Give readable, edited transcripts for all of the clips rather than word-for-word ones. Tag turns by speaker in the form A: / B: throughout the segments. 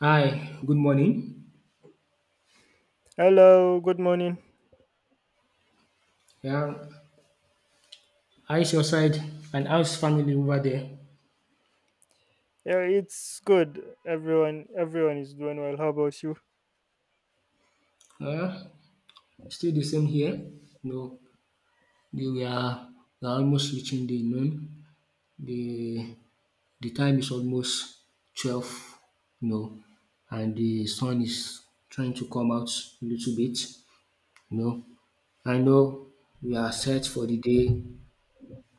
A: Hi, good morning.
B: Hello, good morning.
A: Yeah, how's your side and how's family over there?
B: Yeah, it's good. Everyone is doing well. How about you?
A: Uh, Still the same here. No, the- we are we are almost reaching the noon. The the time is almost 12, you know, and the sun is trying to come out a little bit, you know. I know we are set for the day,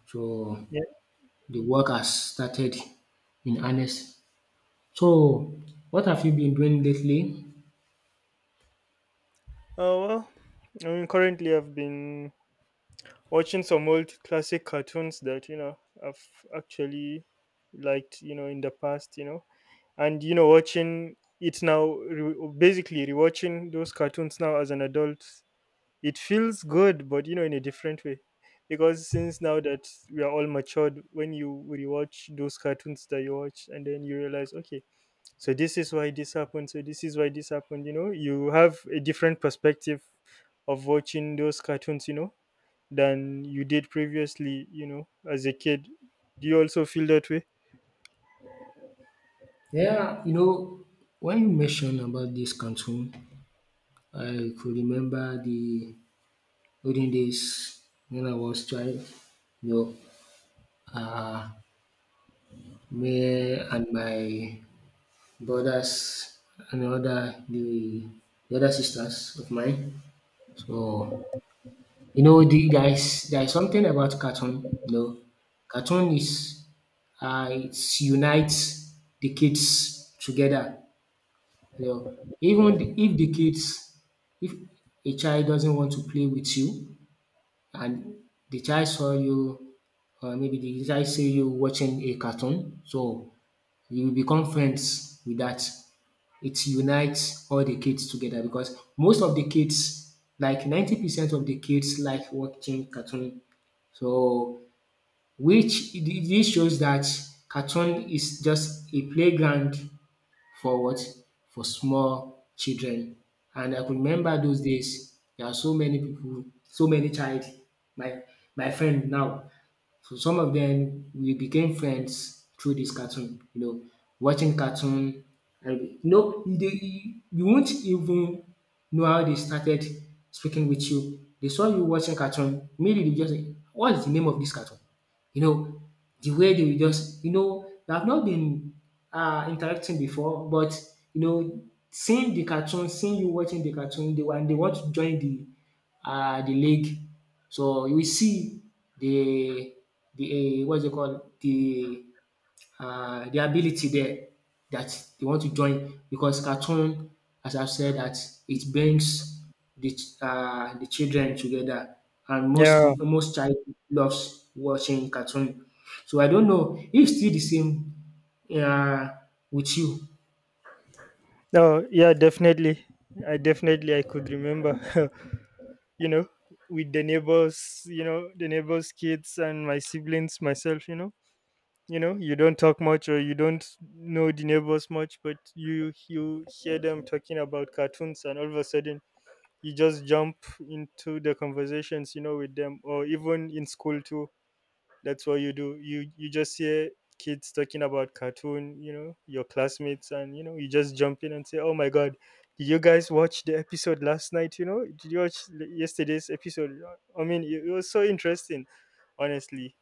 A: so
B: Yeah.
A: the work has started in earnest. So, what have you been doing lately?
B: Oh well, I mean, currently I've been watching some old classic cartoons that I've actually liked, you know, in the past, you know, and watching it now, basically rewatching those cartoons now as an adult. It feels good, but you know, in a different way. Because since now that we are all matured, when you rewatch those cartoons that you watch, and then you realize, okay, so this is why this happened, so this is why this happened, you know, you have a different perspective of watching those cartoons, you know, than you did previously, you know, as a kid. Do you also feel that way?
A: Yeah, when you mentioned about this cartoon, I could remember the olden days when I was child. You know, uh, Me and my brothers and the other sisters of mine. So, there is something about cartoon. Cartoon is, it unites the kids together. Yeah. Even the if the kids if a child doesn't want to play with you, and the child saw you, or maybe the child see you watching a cartoon, so you become friends with that. It unites all the kids together because most of the kids, like 90% of the kids like watching cartoon. So, which this shows that cartoon is just a playground for what? For small children. And I could remember those days, there are so many people, so many child. My my friend now, so some of them we became friends through this cartoon, watching cartoon. And you won't even know how they started speaking with you. They saw you watching cartoon, maybe they just say, "What is the name of this cartoon?" You know, the way they will just, they have not been interacting before, but you know, seeing the cartoon, seeing you watching the cartoon, they want to join the lake. So you will see the the what's it called the ability there, that they want to join because cartoon, as I've said, that it brings the children together, and most
B: Yeah.
A: peo- most child loves watching cartoon. So I don't know if still the same, uh, with you.
B: No, yeah, definitely. I definitely i could remember, you know, with the neighbors, you know, the neighbors' kids and my siblings, myself, you know you know. You don't talk much or you don't know the neighbors much, but you hear them talking about cartoons, and all of a sudden you just jump into the conversations, you know, with them. Or even in school too, that's what you do. You just hear kids talking about cartoon, you know, your classmates, and you know, you just jump in and say, oh my god, did you guys watch the episode last night? You know, did you watch yesterday's episode? I mean, it was so interesting, honestly.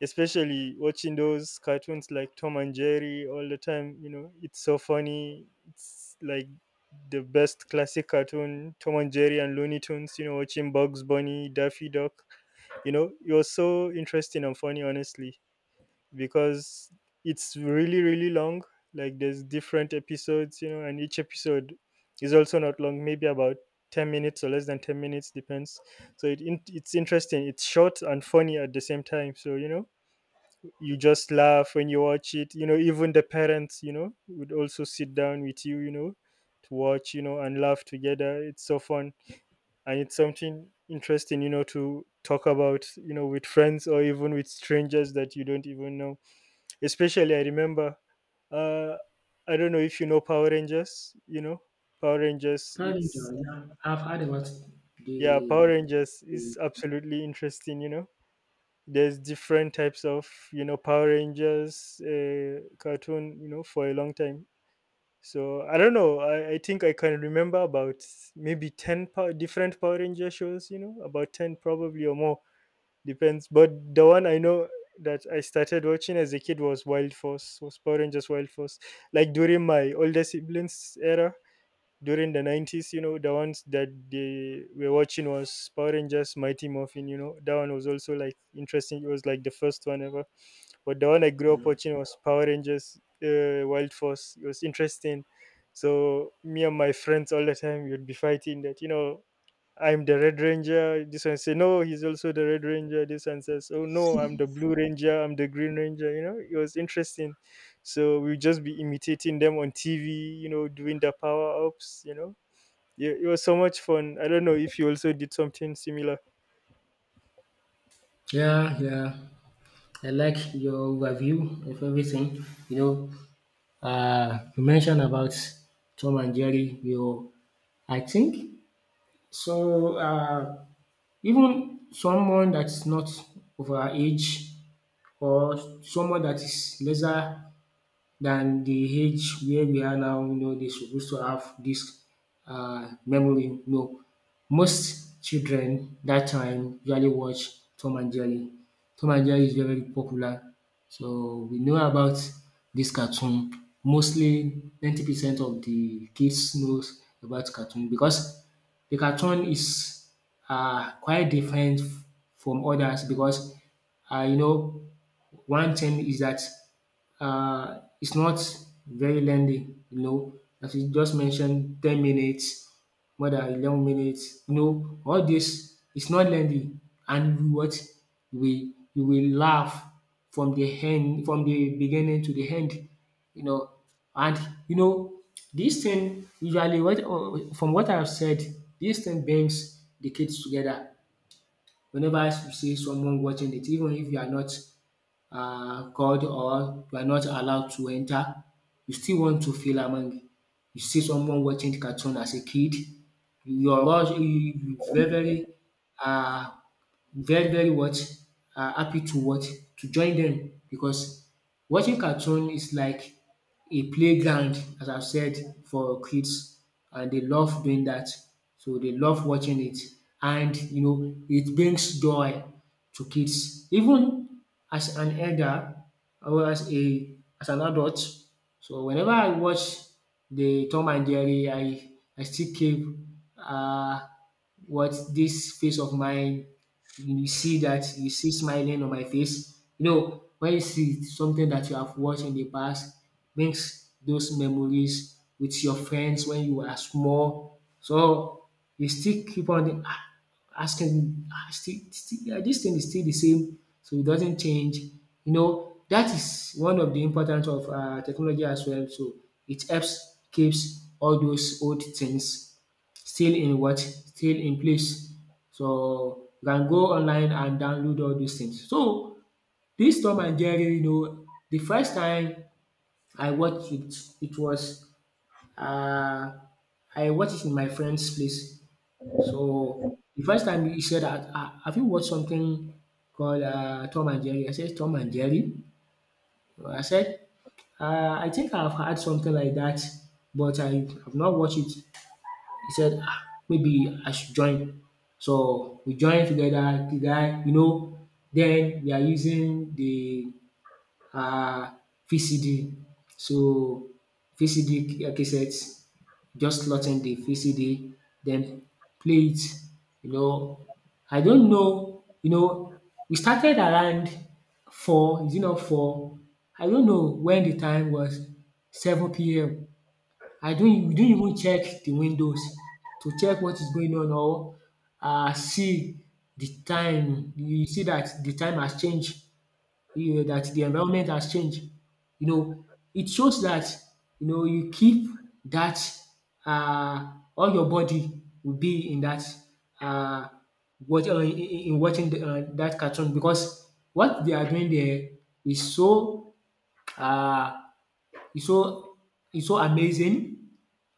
B: Especially watching those cartoons like Tom and Jerry all the time. You know, it's so funny. It's like the best classic cartoon, Tom and Jerry and Looney Tunes. You know, watching Bugs Bunny, Daffy Duck. You know, it was so interesting and funny, honestly, because it's really, really long. Like there's different episodes, you know, and each episode is also not long, maybe about 10 minutes or less than 10 minutes, depends. It's interesting. It's short and funny at the same time. So, you know, you just laugh when you watch it, you know. Even the parents, you know, would also sit down with you, you know, to watch, you know, and laugh together. It's so fun. And it's something interesting, you know, to talk about, you know, with friends or even with strangers that you don't even know. Especially I remember uh I don't know if you know Power Rangers, you know. Power rangers
A: Parent,
B: it's
A: yeah, I've heard about
B: Yeah, Power
A: the,
B: Rangers is
A: the.
B: absolutely interesting, you know. There's different types of, you know, Power Rangers cartoon, you know, for a long time. So I don't know, I think I can remember about maybe 10 different Power Ranger shows, you know, about 10 probably or more, depends. But the one I know, that I started watching as a kid, was Wild Force, was Power Rangers Wild Force, like during my older siblings' era. During the 90s, you know, the ones that they were watching was Power Rangers Mighty Morphin. You know, that one was also like interesting. It was like the first one ever. But the one I grew up watching was Power Rangers Wild Force. It was interesting. So me and my friends all the time, we would be fighting that, you know, I'm the red ranger, this one say no, he's also the red ranger, this one says, oh no, I'm the blue ranger, I'm the green ranger. You know, it was interesting. So we would just be imitating them on TV, you know, doing the power ups, you know. Yeah, it was so much fun. I don't know if you also did something similar.
A: Yeah, yeah. I like your overview of everything. You know, you mentioned about Tom and Jerry. I think so. Even someone that's not of our age, or someone that is lesser than the age where we are now, they're supposed to have this, memory. No, most children that time usually watch Tom and Jerry. Tom and Jerry is very, very popular. So we know about this cartoon. Mostly 90% of the kids knows about cartoon because the cartoon is, quite different from others because, uh, you know one thing is that, it's not very lengthy, as you just mentioned, 10 minutes, more than 11 minutes, all this is not lengthy. And you what we you will laugh from from the beginning to the end, you know. And you know, this thing usually what from what I've said, this thing brings the kids together. Whenever you see someone watching it, even if you are not are called, or you are not allowed to enter, you still want to feel among. You see someone watching cartoon as a kid, your rush, you um very, very what? Happy to what? To join them, because watching cartoon is like a playground, as I've said, for kids, and they love doing that. So they love watching it, and, it brings joy to kids. Even as an elder, or as an adult, so whenever I watch the Tom and Jerry, I still keep, uh, what, this face of mine, you see that, smiling on my face. When you see something that you have watched in the past, brings those memories with your friends when you were small. So you still keep on, asking, yeah, this thing is still the same, so it doesn't change. That is one of the importance of, technology as well. So it helps keeps all those old things still in what? Still in place. So you can go online and download all these things. So this Tom and Jerry, the first time I watched it, it was uh, I watched it in my friend's place. So the first time he said, Have you watched something called, Tom and Jerry?" I said, "Tom and Jerry." I said, "I think I've had something like that, but I have not watched it." He said, maybe I should join. So we joined together, the guy, then we are using the, um VCD, so VCD cassettes, just slotting the VCD, then play it you know. I don't know, we started around four, is it not four? I don't know when the time was, 7 p.m. I don't we don't even check the windows to check what is going on, or, see the time. You see that the time has changed, that the environment has changed. You know, it shows that, you keep that, all your body will be in that, um watch in watching, dat cartoon, because what they are doing there is so, um it's so, it's so amazing,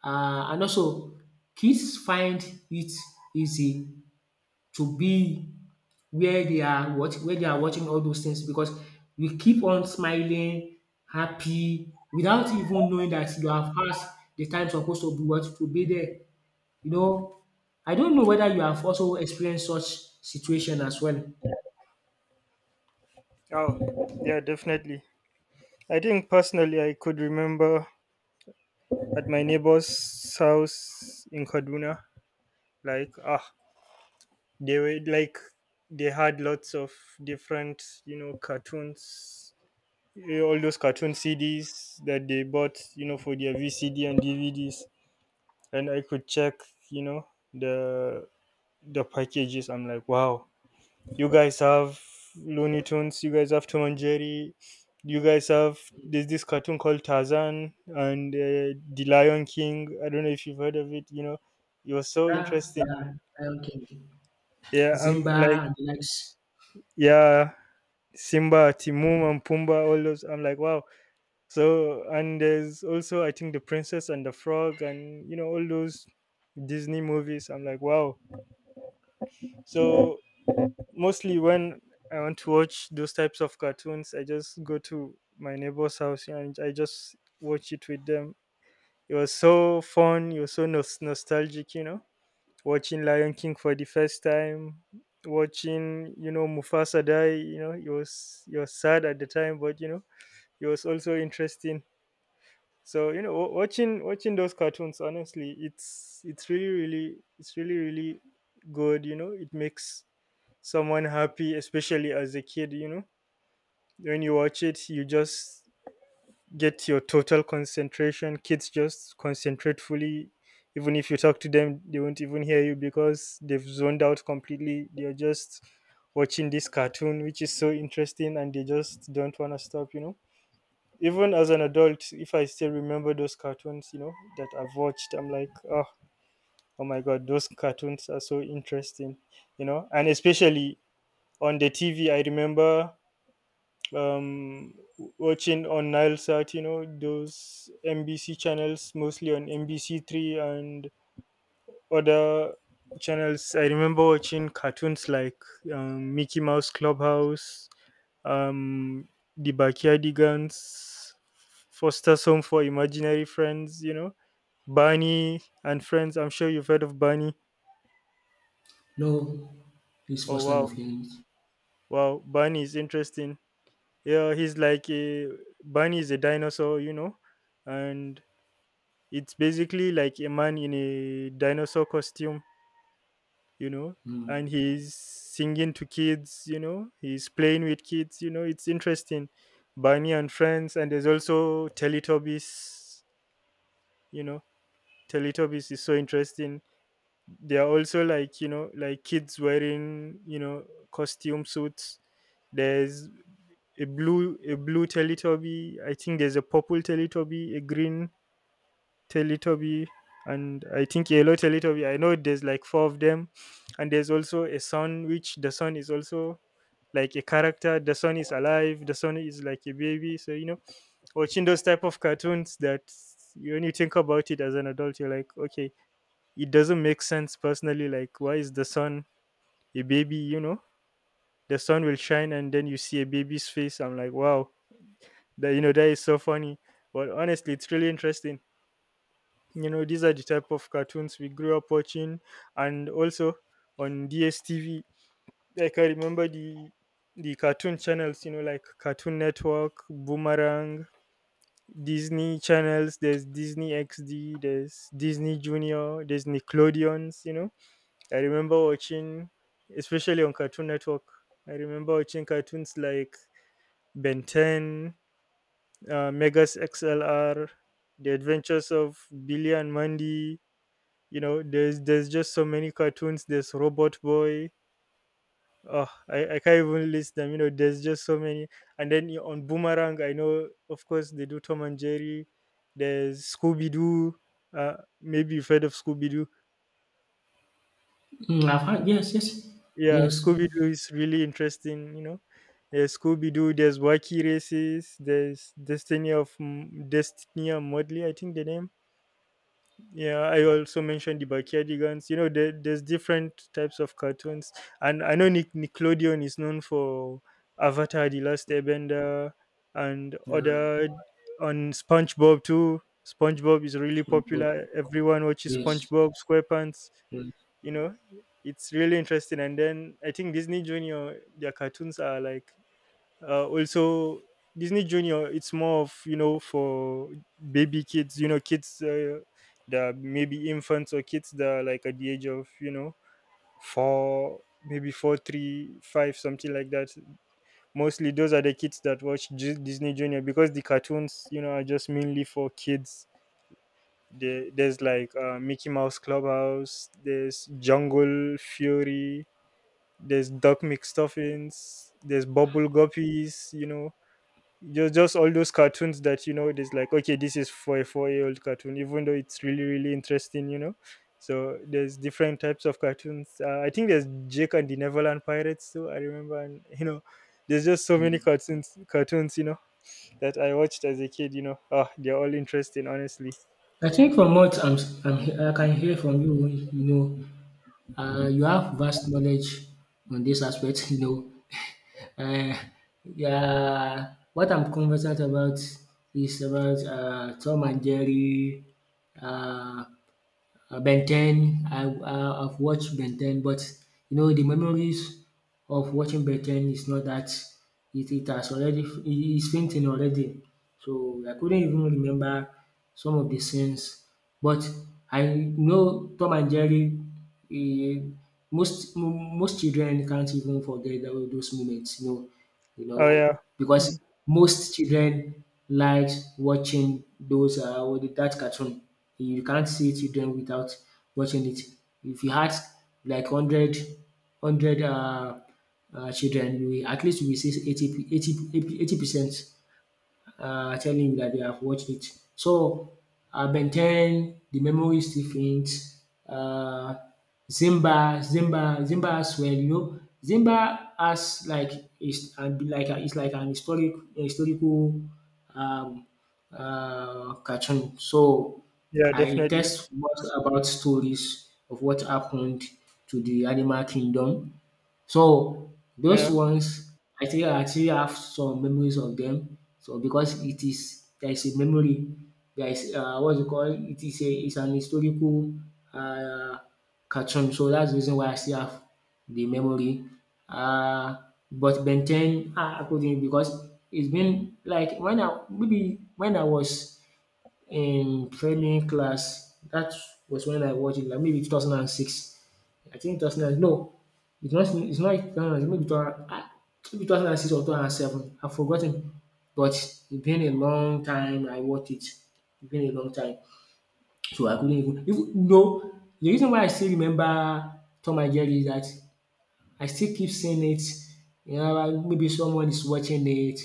A: and also kids find it easy to be where they are, watching all those things, because we keep on smiling, happy without even knowing that you have passed the time supposed to be, what, to be there, you know. I don't know whether you have also experienced such situation as well?
B: Oh, yeah, definitely. I think personally, I could remember at my neighbor's house in Kaduna, like, ah, they were like, they had lots of different, you know, cartoons, eh, all those cartoon CDs that they bought, you know, for their VCD and DVDs. And I could check, you know, the the packages. I'm like, wow, you guys have Looney Tunes. You guys have Tom and Jerry. You guys have, there's this cartoon called Tarzan and the Lion King. I don't know if you've heard of it. You know, it was so
A: Yeah,
B: interesting.
A: yeah, Lion King,
B: Yeah, I'm like,
A: Simba and the likes.
B: yeah, Simba, Timon, and Pumbaa. All those. I'm like, wow. So, and there's also, I think, the Princess and the Frog, and you know, all those Disney movies. I'm like, wow. So mostly when I want to watch those types of cartoons, I just go to my neighbor's house and I just watch it with them. It was so fun. It was so nostalgic, you know, watching Lion King for the first time, watching, you know, Mufasa die. You know, it was sad at the time, but you know, it was also interesting. So you know, watching those cartoons, honestly, it's really really good. You know, it makes someone happy, especially as a kid, you know. When you watch it, you just get your total concentration. Kids just concentrate fully. Even if you talk to them, they won't even hear you because they've zoned out completely. They're just watching this cartoon, which is so interesting, and they just don't want to stop, you know. Even as an adult, if I still remember those cartoons, you know, that I've watched, I'm like, oh, oh my god, those cartoons are so interesting, you know. And especially on the TV, I remember um watching on Nilesat, you know, those NBC channels, mostly on NBC3 and other channels. I remember watching cartoons like Mickey Mouse Clubhouse, um, The Backyardigans, Foster's Home for Imaginary Friends, you know, Barney and Friends. I'm sure you've heard of Barney.
A: No, this
B: Oh,
A: first time
B: wow.
A: of hearing it.
B: Wow. Barney is interesting. Yeah, he's like a, Barney is a dinosaur, you know, and it's basically like a man in a dinosaur costume, you know, and
A: Mm.
B: he's singing to kids, you know, he's playing with kids, you know, it's interesting. Barney and Friends. And there's also Teletubbies, you know. Teletubbies is so interesting. They are also like, you know, like kids wearing, you know, costume suits. There's a blue Teletubby. I think there's a purple Teletubby, a green Teletubby, and I think yellow Teletubby. I know there's like four of them. And there's also a sun, which the sun is also like a character. The sun is alive. The sun is like a baby. So you know, watching those type of cartoons, that when you think about it as an adult, you're like, okay, it doesn't make sense personally. Like, why is the sun a baby? You know, the sun will shine, and then you see a baby's face. I'm like, wow, that, you know, that is so funny. But honestly, it's really interesting. You know, these are the type of cartoons we grew up watching. And also on DSTV. Like I remember the cartoon channels, you know, like Cartoon Network, Boomerang, Disney channels. There's Disney XD, there's Disney Junior, there's Nickelodeons. You know, I remember watching, especially on Cartoon Network. I remember watching cartoons like Ben 10, Megas XLR, The Adventures of Billy and Mandy. You know, there's just so many cartoons. There's Robot Boy. Oh, I can't even list them. You know, there's just so many. And then you- on Boomerang, I know, of course, they do Tom and Jerry. There's Scooby-Doo, uh maybe you've heard of Scooby-Doo.
A: Mm, I've had. Yes, yes,
B: Yeah,
A: yes.
B: Scooby-Doo is really interesting, you know. There's Scooby-Doo, there's Wacky Races, there's Destiny of Destiny and Mudley, I think the name. Yeah, I also mentioned the Backyardigans. You know, there's different types of cartoons. And I know Nickelodeon is known for Avatar: The Last Airbender and
A: Yeah,
B: other, on SpongeBob too. SpongeBob is really
A: so good. Good.
B: popular. Everyone watches
A: Yes,
B: SpongeBob SquarePants.
A: yes.
B: You know, it's really interesting. And then I think Disney Junior, their cartoons are like also, Disney Junior, it's more of, you know, for baby kids, you know, kids that maybe infants, or kids that are like at the age of, you know, 4 maybe 4 3 5 something like that. Mostly those are the kids that watch Disney Junior, because the cartoons, you know, are just mainly for kids. There's like Mickey Mouse Clubhouse, there's Jungle Fury, there's Duck McStuffins, there's Bubble Guppies, you know. Just all those cartoons that, you know, it is like, okay, this is for a 4-year old cartoon, even though it's really really interesting, you know. So there's different types of cartoons. I think there's Jake and the Neverland Pirates too, I remember, and you know, there's just so many cartoons, you know, that I watched as a kid. You know, ah, they're all interesting, honestly.
A: I think from what I'm, s- I'm, he- I can hear from you, you have vast knowledge on this aspect. Uh, yeah. What I'm conversant about is about, Tom and Jerry, uh, Ben 10. I've watched Ben 10, but the memories of watching Ben 10 is not that, it has already, it is fainting already. So I couldn't even remember some of the scenes, but I know Tom and Jerry. eh, Most most children can't even forget those moments. You
B: Oh
A: know,
B: yeah.
A: because most children likes watching those, what the that cartoon. You can't see children without watching it. If you had like hundred, hundred, children, at least you will see 80, eighty eighty percent, tell him that they have watched it. So, Ben 10, the memory is still faint. Uh, Zimba, Zimba, Zimba as well, Zimba has like is and be like a, it's like an historical um, cartoon. So
B: Yeah,
A: I
B: definitely.
A: test what about stories of what happened to the animal kingdom, so those
B: Yeah.
A: ones I still have some memories of them. So because it is there is a memory, there is, what you call it, is a, it's an historical, uh, cartoon. So that's the reason why I still have the memory. Uh, but Ben 10, I couldn't because it's been like when I was in training class. That was when I watched it, like maybe 2006. I think 2009, no, it's not 2009, maybe 2000, maybe 2006 or 2007, I've forgotten. But it's been a long time I watched it. It's been a long time. So I couldn't even, though the reason why I still remember Tom and Jerry is that I still keep seeing it. Maybe someone is watching it.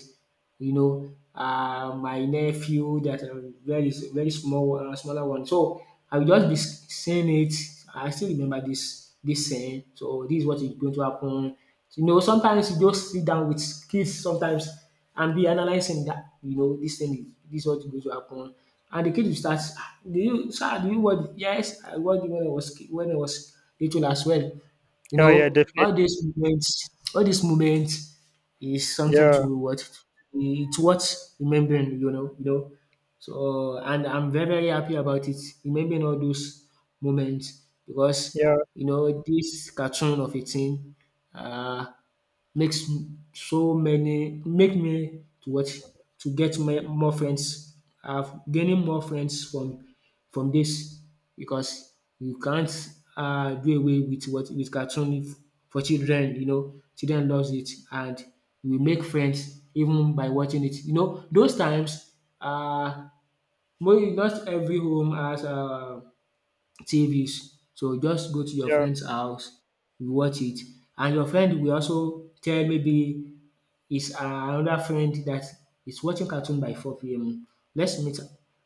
A: My nephew that, very very small one, smaller one. So I will just be seeing it. I still remember this saying. So this is what is going to happen. Sometimes you just sit down with kids sometimes and be analyzing that, this thing is, this is what is going to happen. And the kid will start, "Ah, do you sir, do you watch? Yes, I watched it when I was little as well."
B: Oh yeah,
A: All
B: definitely.
A: these moments, all these moments is something
B: Yeah,
A: to what, it's worth remembering. So and I'm very very happy about it. Remembering all those moments because
B: yeah,
A: this cartoon of a thing. Uh, Makes so many, make me to what? To get my more friends. I've gaining more friends from this because you can't do away with what? With cartoon for children. Children loves it, and we make friends even by watching it. You know those times um not every home has TVs, so just go to your
B: yeah,
A: friend's house, you watch it, and your friend will also tell maybe is another friend that is watching cartoon by 4 p.m. Let's meet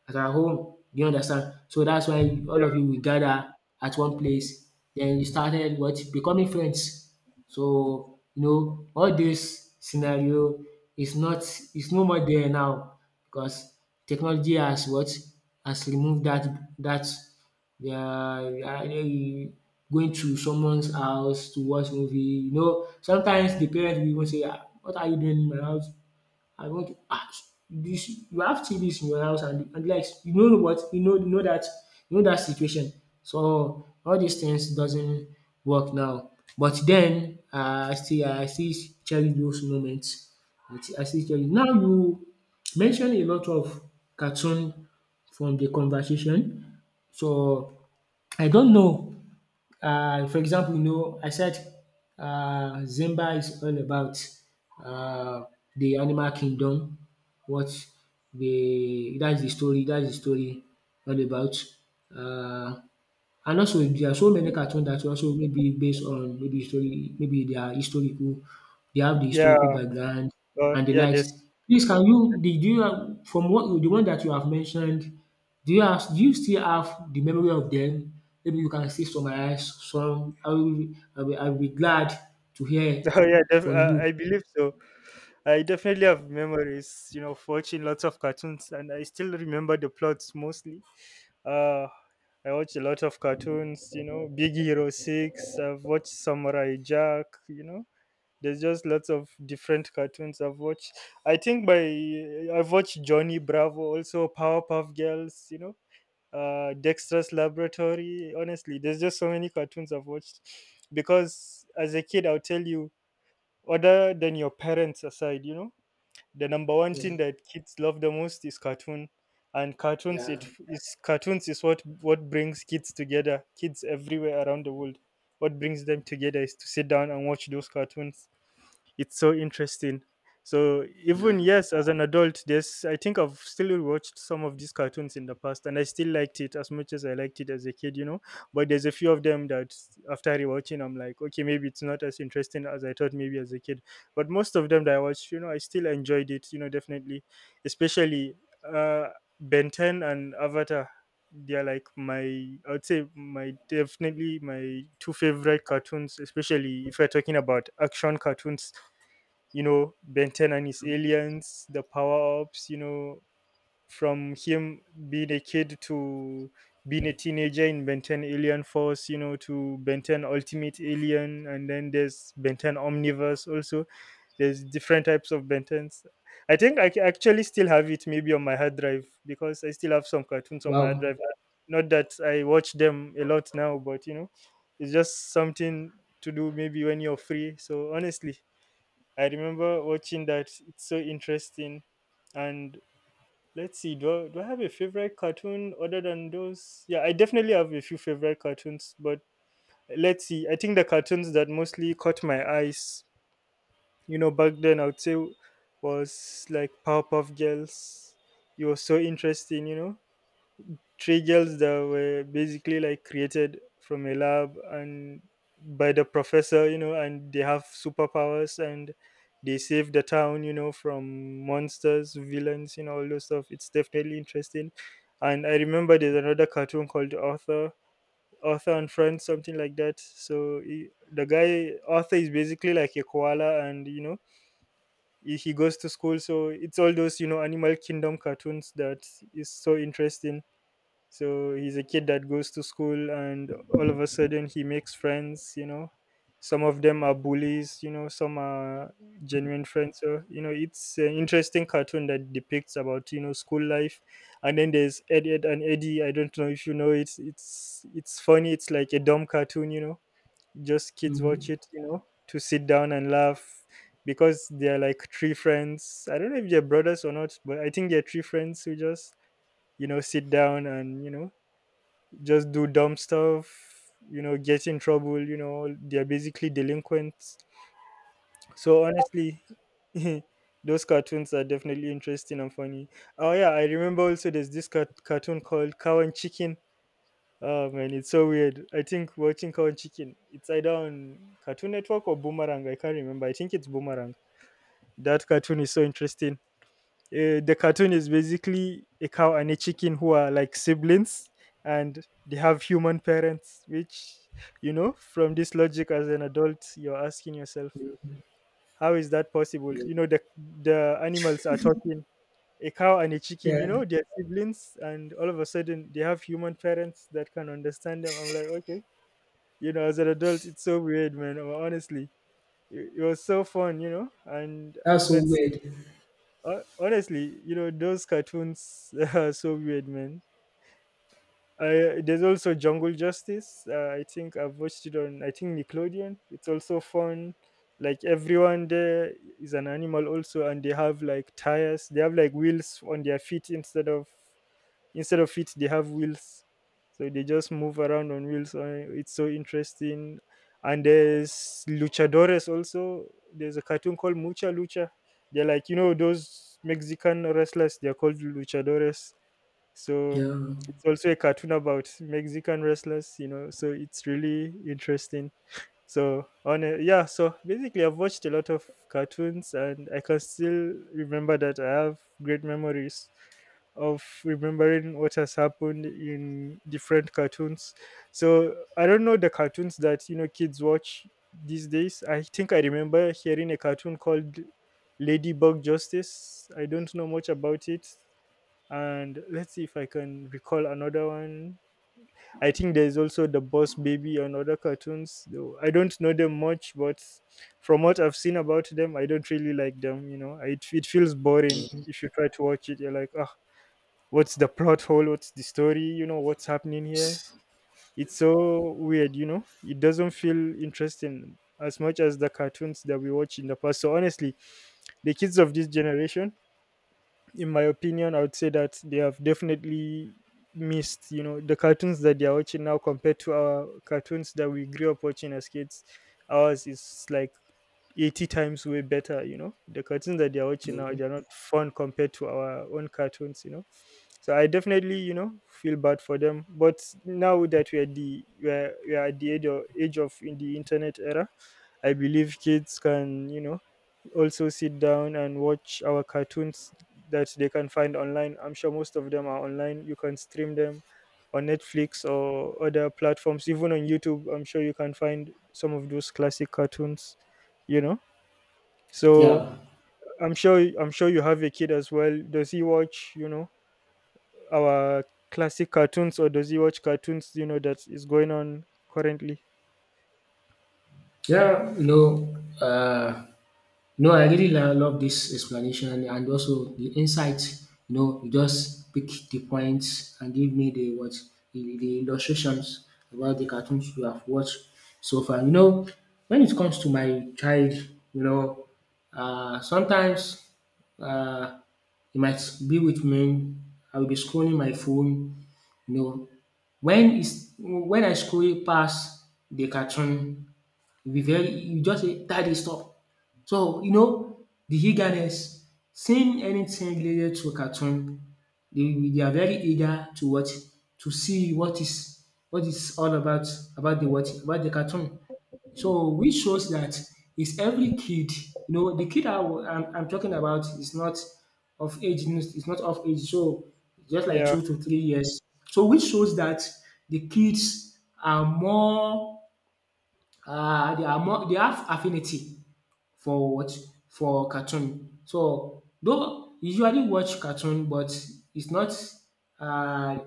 A: at our home. Do you understand? So that's why all
B: yeah,
A: of you will gather at one place. Then you started what becoming friends. So you know all this scenario is not is no more there now because technology has what, has removed that that. They are either you going to someone's house to watch movie, you know. Sometimes the parents will even say, “Ah, what are you doing in my house? I want to ah dis you have TVs in your house, and like, you know what? You know, you know that that situation. So all these things doesn't work now. But then I still cherish those moments. I still cherish. Now you mention a lot of cartoon from the conversation. So I don't know. For example, you know, I said Zimba is all about uh, the animal kingdom. What the that's the story. That's the story all about. Uh, and also there are so many cartoon that also maybe based on maybe history, maybe they are historical, they have the
B: yeah.
A: historical background and the
B: Yeah,
A: likes.
B: there's,
A: Please can you did you have from what you- the one that you have mentioned, do you still have the memory of them? Maybe you can still summarize some. I will be glad to hear
B: oh yeah,
A: from you.
B: I believe so. I definitely have memories, you know, of watching lots of cartoons, and I still remember the plots mostly. Uh, I watch a lot of cartoons, you know, Big Hero Six. I've watched Samurai Jack. You know, there's just lots of different cartoons I've watched. I think by I've watched Johnny Bravo, also Powerpuff Girls. You know, Dexter's Laboratory. Honestly, there's just so many cartoons I've watched because as a kid, I'll tell you, other than your parents aside, you know, the number one
A: Yeah,
B: thing that kids love the most is cartoon, and
A: yeah,
B: cartoons is what brings kids together. Kids everywhere around the world, what brings them together is to sit down and watch those cartoons. It's so interesting. So even,
A: yeah.
B: yes, as an adult, there's I think I've still watched some of these cartoons in the past, and I still liked it as much as I liked it as a kid, you know. But there's a few of them that, after rewatching, I'm like, okay, maybe it's not as interesting as I thought maybe as a kid. But most of them that I watched, you know, I still enjoyed it, you know, definitely, especially uh, Ben 10 and Avatar. They're like my, I would say my, definitely my two favorite cartoons, especially if we're talking about action cartoons. You know, Ben 10 and his aliens, the power ups, you know, from him being a kid to being a teenager in Ben 10 Alien Force, you know, to Ben 10 Ultimate Alien, and then there's Ben 10 Omniverse also. There's different types of Ben 10s. I think I actually still have it maybe on my hard drive because I still have some cartoons on my hard
A: Wow.
B: drive. Not that I watch them a lot now, but you know, it's just something to do maybe when you're free. So honestly, I remember watching that. It's so interesting. And let's see, do I have a favorite cartoon other than those? Yeah, I definitely have a few favorite cartoons, but let's see. I think the cartoons that mostly caught my eyes, you know, back then, I would say was like Powerpuff Girls. It was so interesting, you know. Three girls that were basically like created from a lab and by the professor, you know, and they have superpowers, and they save the town, you know, from monsters, villains, you know, all those stuff. It's definitely interesting. And I remember there's another cartoon called Arthur and Friends, something like that. So he, the guy Arthur, is basically like a koala, and you know, he goes to school. So it's all those, you know, animal kingdom cartoons that is so interesting. So he's a kid that goes to school, and all of a sudden he makes friends, you know. Some of them are bullies, you know, some are genuine friends. So, you know, it's an interesting cartoon that depicts about, you know, school life. And then there's Ed and Eddie. I don't know if you know it. It's funny, it's like a dumb cartoon, you know. Just kids watch
A: Mhm.
B: it, you know, to sit down and laugh because they're like three friends. I don't know if they're brothers or not, but I think they're three friends who just, you know, sit down and, you know, just do dumb stuff, you know, get in trouble, you know. They're basically delinquents. So honestly, those cartoons are definitely interesting and funny. Oh yeah, I remember also there's this cartoon called Cow and Chicken. Oh man, it's so weird. I think watching Cow and Chicken, it's either on Cartoon Network or Boomerang, I can't remember, I think it's Boomerang. That cartoon is so interesting. The cartoon is basically a cow and a chicken who are like siblings, and they have human parents, which, you know, from this logic as an adult, you're asking yourself, how is that possible? You know, the animals are talking. A cow and a chicken, you
A: Yeah,
B: know, they're siblings, and all of a sudden they have human parents that can understand them. I'm like, okay, you know, as an adult, it's so weird, man. Honestly, it was so fun, you know, and
A: that's so
B: let's see.
A: weird.
B: Honestly, you know, those cartoons are so weird, man. There's also Jungle Justice. I think I've watched it on, I think, Nickelodeon. It's also fun. Like everyone there is an animal also, and they have like tires. They have like wheels on their feet, instead of feet they have wheels, so they just move around on wheels. It's so interesting. And there's luchadores also. There's a cartoon called Mucha Lucha. They're like, you know, those Mexican wrestlers. They're called luchadores. So
A: Yeah.
B: it's also a cartoon about Mexican wrestlers, you know. So it's really interesting. Yeah, so basically I've watched a lot of cartoons, and I can still remember that I have great memories of remembering what has happened in different cartoons. So I don't know the cartoons that, you know, kids watch these days. I think I remember hearing a cartoon called Ladybug Justice. I don't know much about it, and let's see if I can recall another one. I think there's also the Boss Baby and other cartoons, though I don't know them much. But from what I've seen about them, I don't really like them, you know. It feels boring. If you try to watch it, you're like, ah, what's the plot hole, what's the story, you know, what's happening here? It's so weird, you know. It doesn't feel interesting as much as the cartoons that we watch in the past. So honestly, the kids of this generation, in my opinion, I would say that they have definitely missed, you know, the cartoons that they are watching now compared to our cartoons that we grew up watching as kids. Ours is like 80 times way better. You know, the cartoons that they're watching now,
A: Yeah.
B: they're not fun compared to our own cartoons, you know. So I definitely, you know, feel bad for them. But now that we are at the age of in the internet era, I believe kids can, you know, also sit down and watch our cartoons that they can find online. I'm sure most of them are online, you can stream them on Netflix or other platforms, even on YouTube. I'm sure you can find some of those classic cartoons, you know. So
A: Yeah.
B: I'm sure you have a kid as well. Does he watch, you know, our classic cartoons, or does he watch cartoons, you know, that is going on currently?
A: Yeah, no, no, I really lo- love this explanation and also the insight. You know, you just pick the points and give me the what the illustrations about the cartoons you have watched so far. You know, when it comes to my child, you know, sometimes uh, he might be with me. I will be scrolling my phone. You know, when is when I scroll past the cartoon, you'll be very you just say, "Daddy, stop." So, you know, the eagerness, seeing anything related to cartoon, they are very eager to watch, to see what is all about the what about the cartoon. So which shows that is every kid, you know, the kid I, am I'm talking about is not of age, is not of age, so just like
B: Yeah,
A: 2 to 3 years. So which shows that the kids are more, they are more they have affinity for what? For cartoon. So though usually watch cartoon, but it's not uh,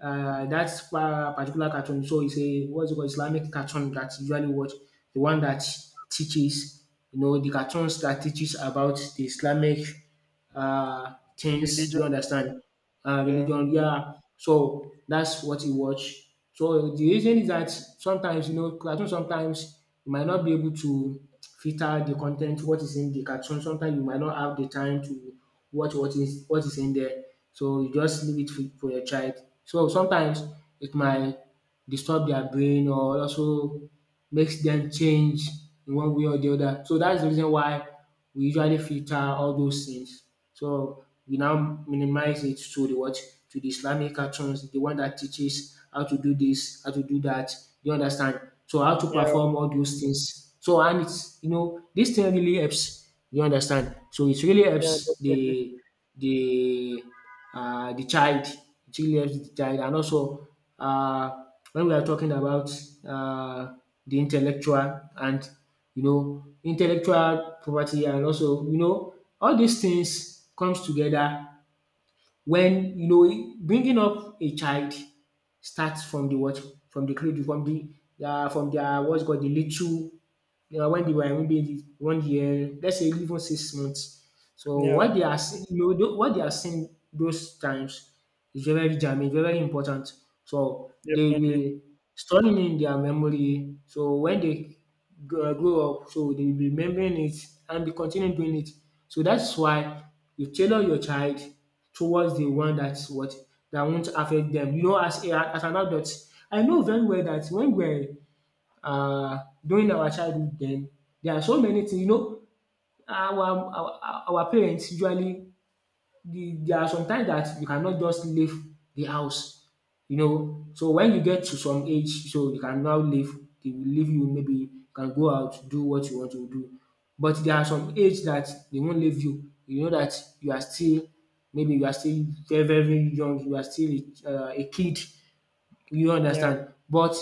A: that pa- particular cartoon. So it's a what's it called Islamic cartoon that usually watch, the one that teaches, you know, the cartoons that teaches about the Islamic things.
B: religion.
A: You understand?
B: Yeah.
A: Religion, yeah. So that's what you watch. So the reason is that sometimes, you know, cartoon sometimes you might not be able to filter the content, what is in the cartoon. Sometimes you might not have the time to watch what is in there. So you just leave it for your child. So sometimes it might disturb their brain or also makes them change in one way or the other. So that's the reason why we usually filter all those things. So we now minimize it to the what? To the Islamic cartoons, the one that teaches how to do this, how to do that. You understand? So how to
B: Yeah.
A: perform all those things. So and it's, you know, this thing really helps. You understand? So it really
B: Yeah,
A: helps
B: definitely.
A: the the child, it really helps the child, and also uh when we are talking about uh the intellectual and, you know, intellectual property and also, you know, all these things comes together. When, you know, bringing up a child starts from the what? From the cradle, from the from their what's called the little, you know, when they were maybe 1 year, let's say even 6 months, so
B: Yeah,
A: what they are seeing, you know, what they are seeing those times is very germane, very important. So they
B: definitely.
A: will store it in their memory. So when they grow up, so they will be remembering it and be continue doing it. So that's why you tailor your child towards the one that's what, that won't affect them. You know, as a, as an adult, I know very well that when we're uh, during our childhood, then there are so many things. You know, our parents usually the there are some times that you cannot just leave the house, you know. So when you get to some age, so you can now leave. They will leave you, maybe you can go out, do what you want to do. But there are some age that they won't leave you. You know that you are still maybe you are still very young, you are still a kid. You
B: Yeah.
A: understand? But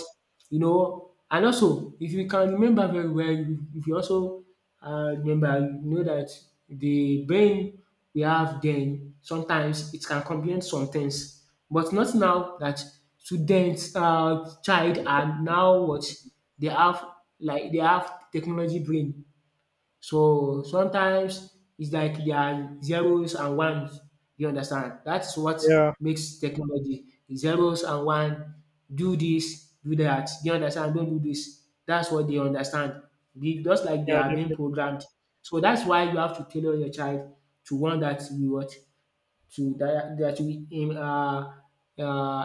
A: you know, and also if you can remember very well, if you also remember, you know that the brain we have then sometimes it can comprehend some things, but not now that students child are now what, they have like they have technology brain, so sometimes it's like there are zeros and ones, you understand? That's what
B: Yeah.
A: makes technology zeros and one. Do this, do that. You understand? Don't do this. That's what they understand. Be- Just like they
B: Yeah,
A: are being
B: definitely.
A: programmed. So that's why you have to tailor your child to one that you what, to that that will um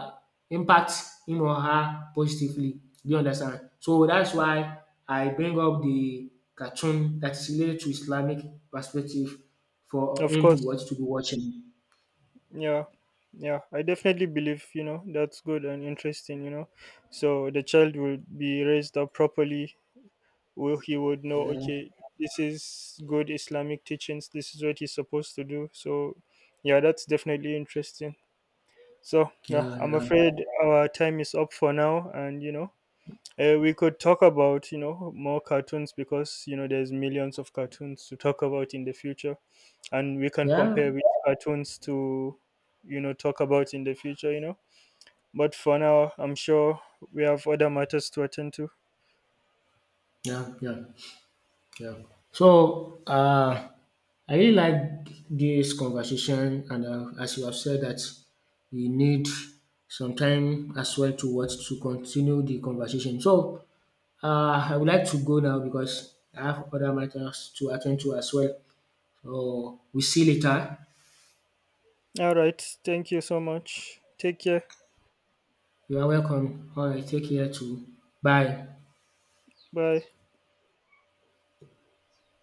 A: impact him or her positively. Do you understand? So that's why I bring up the cartoon that is related to Islamic perspective for
B: Of
A: him to
B: course.
A: watch to be watching.
B: Yeah. Yeah, I definitely believe, you know, that's good and interesting, you know. So the child will be raised up properly. Will he would know,
A: Yeah,
B: okay, this is good Islamic teachings, this is what he's supposed to do. So yeah, that's definitely interesting. So yeah,
A: yeah,
B: I'm
A: yeah,
B: afraid our time is up for now, and you know, we could talk about, you know, more cartoons because, you know, there's millions of cartoons to talk about in the future, and we can
A: yeah,
B: compare which cartoons to, you know, talk about in the future, you know. But for now, I'm sure we have other matters to attend to.
A: yeah, yeah. Yeah. So I really like this conversation, and as you have said that we need some time as well to what to continue the conversation. So I would like to go now because I have other matters to attend to as well. So we see you later.
B: All right, thank you so much, take care.
A: You are welcome. All right, take care too. Bye.
B: Bye.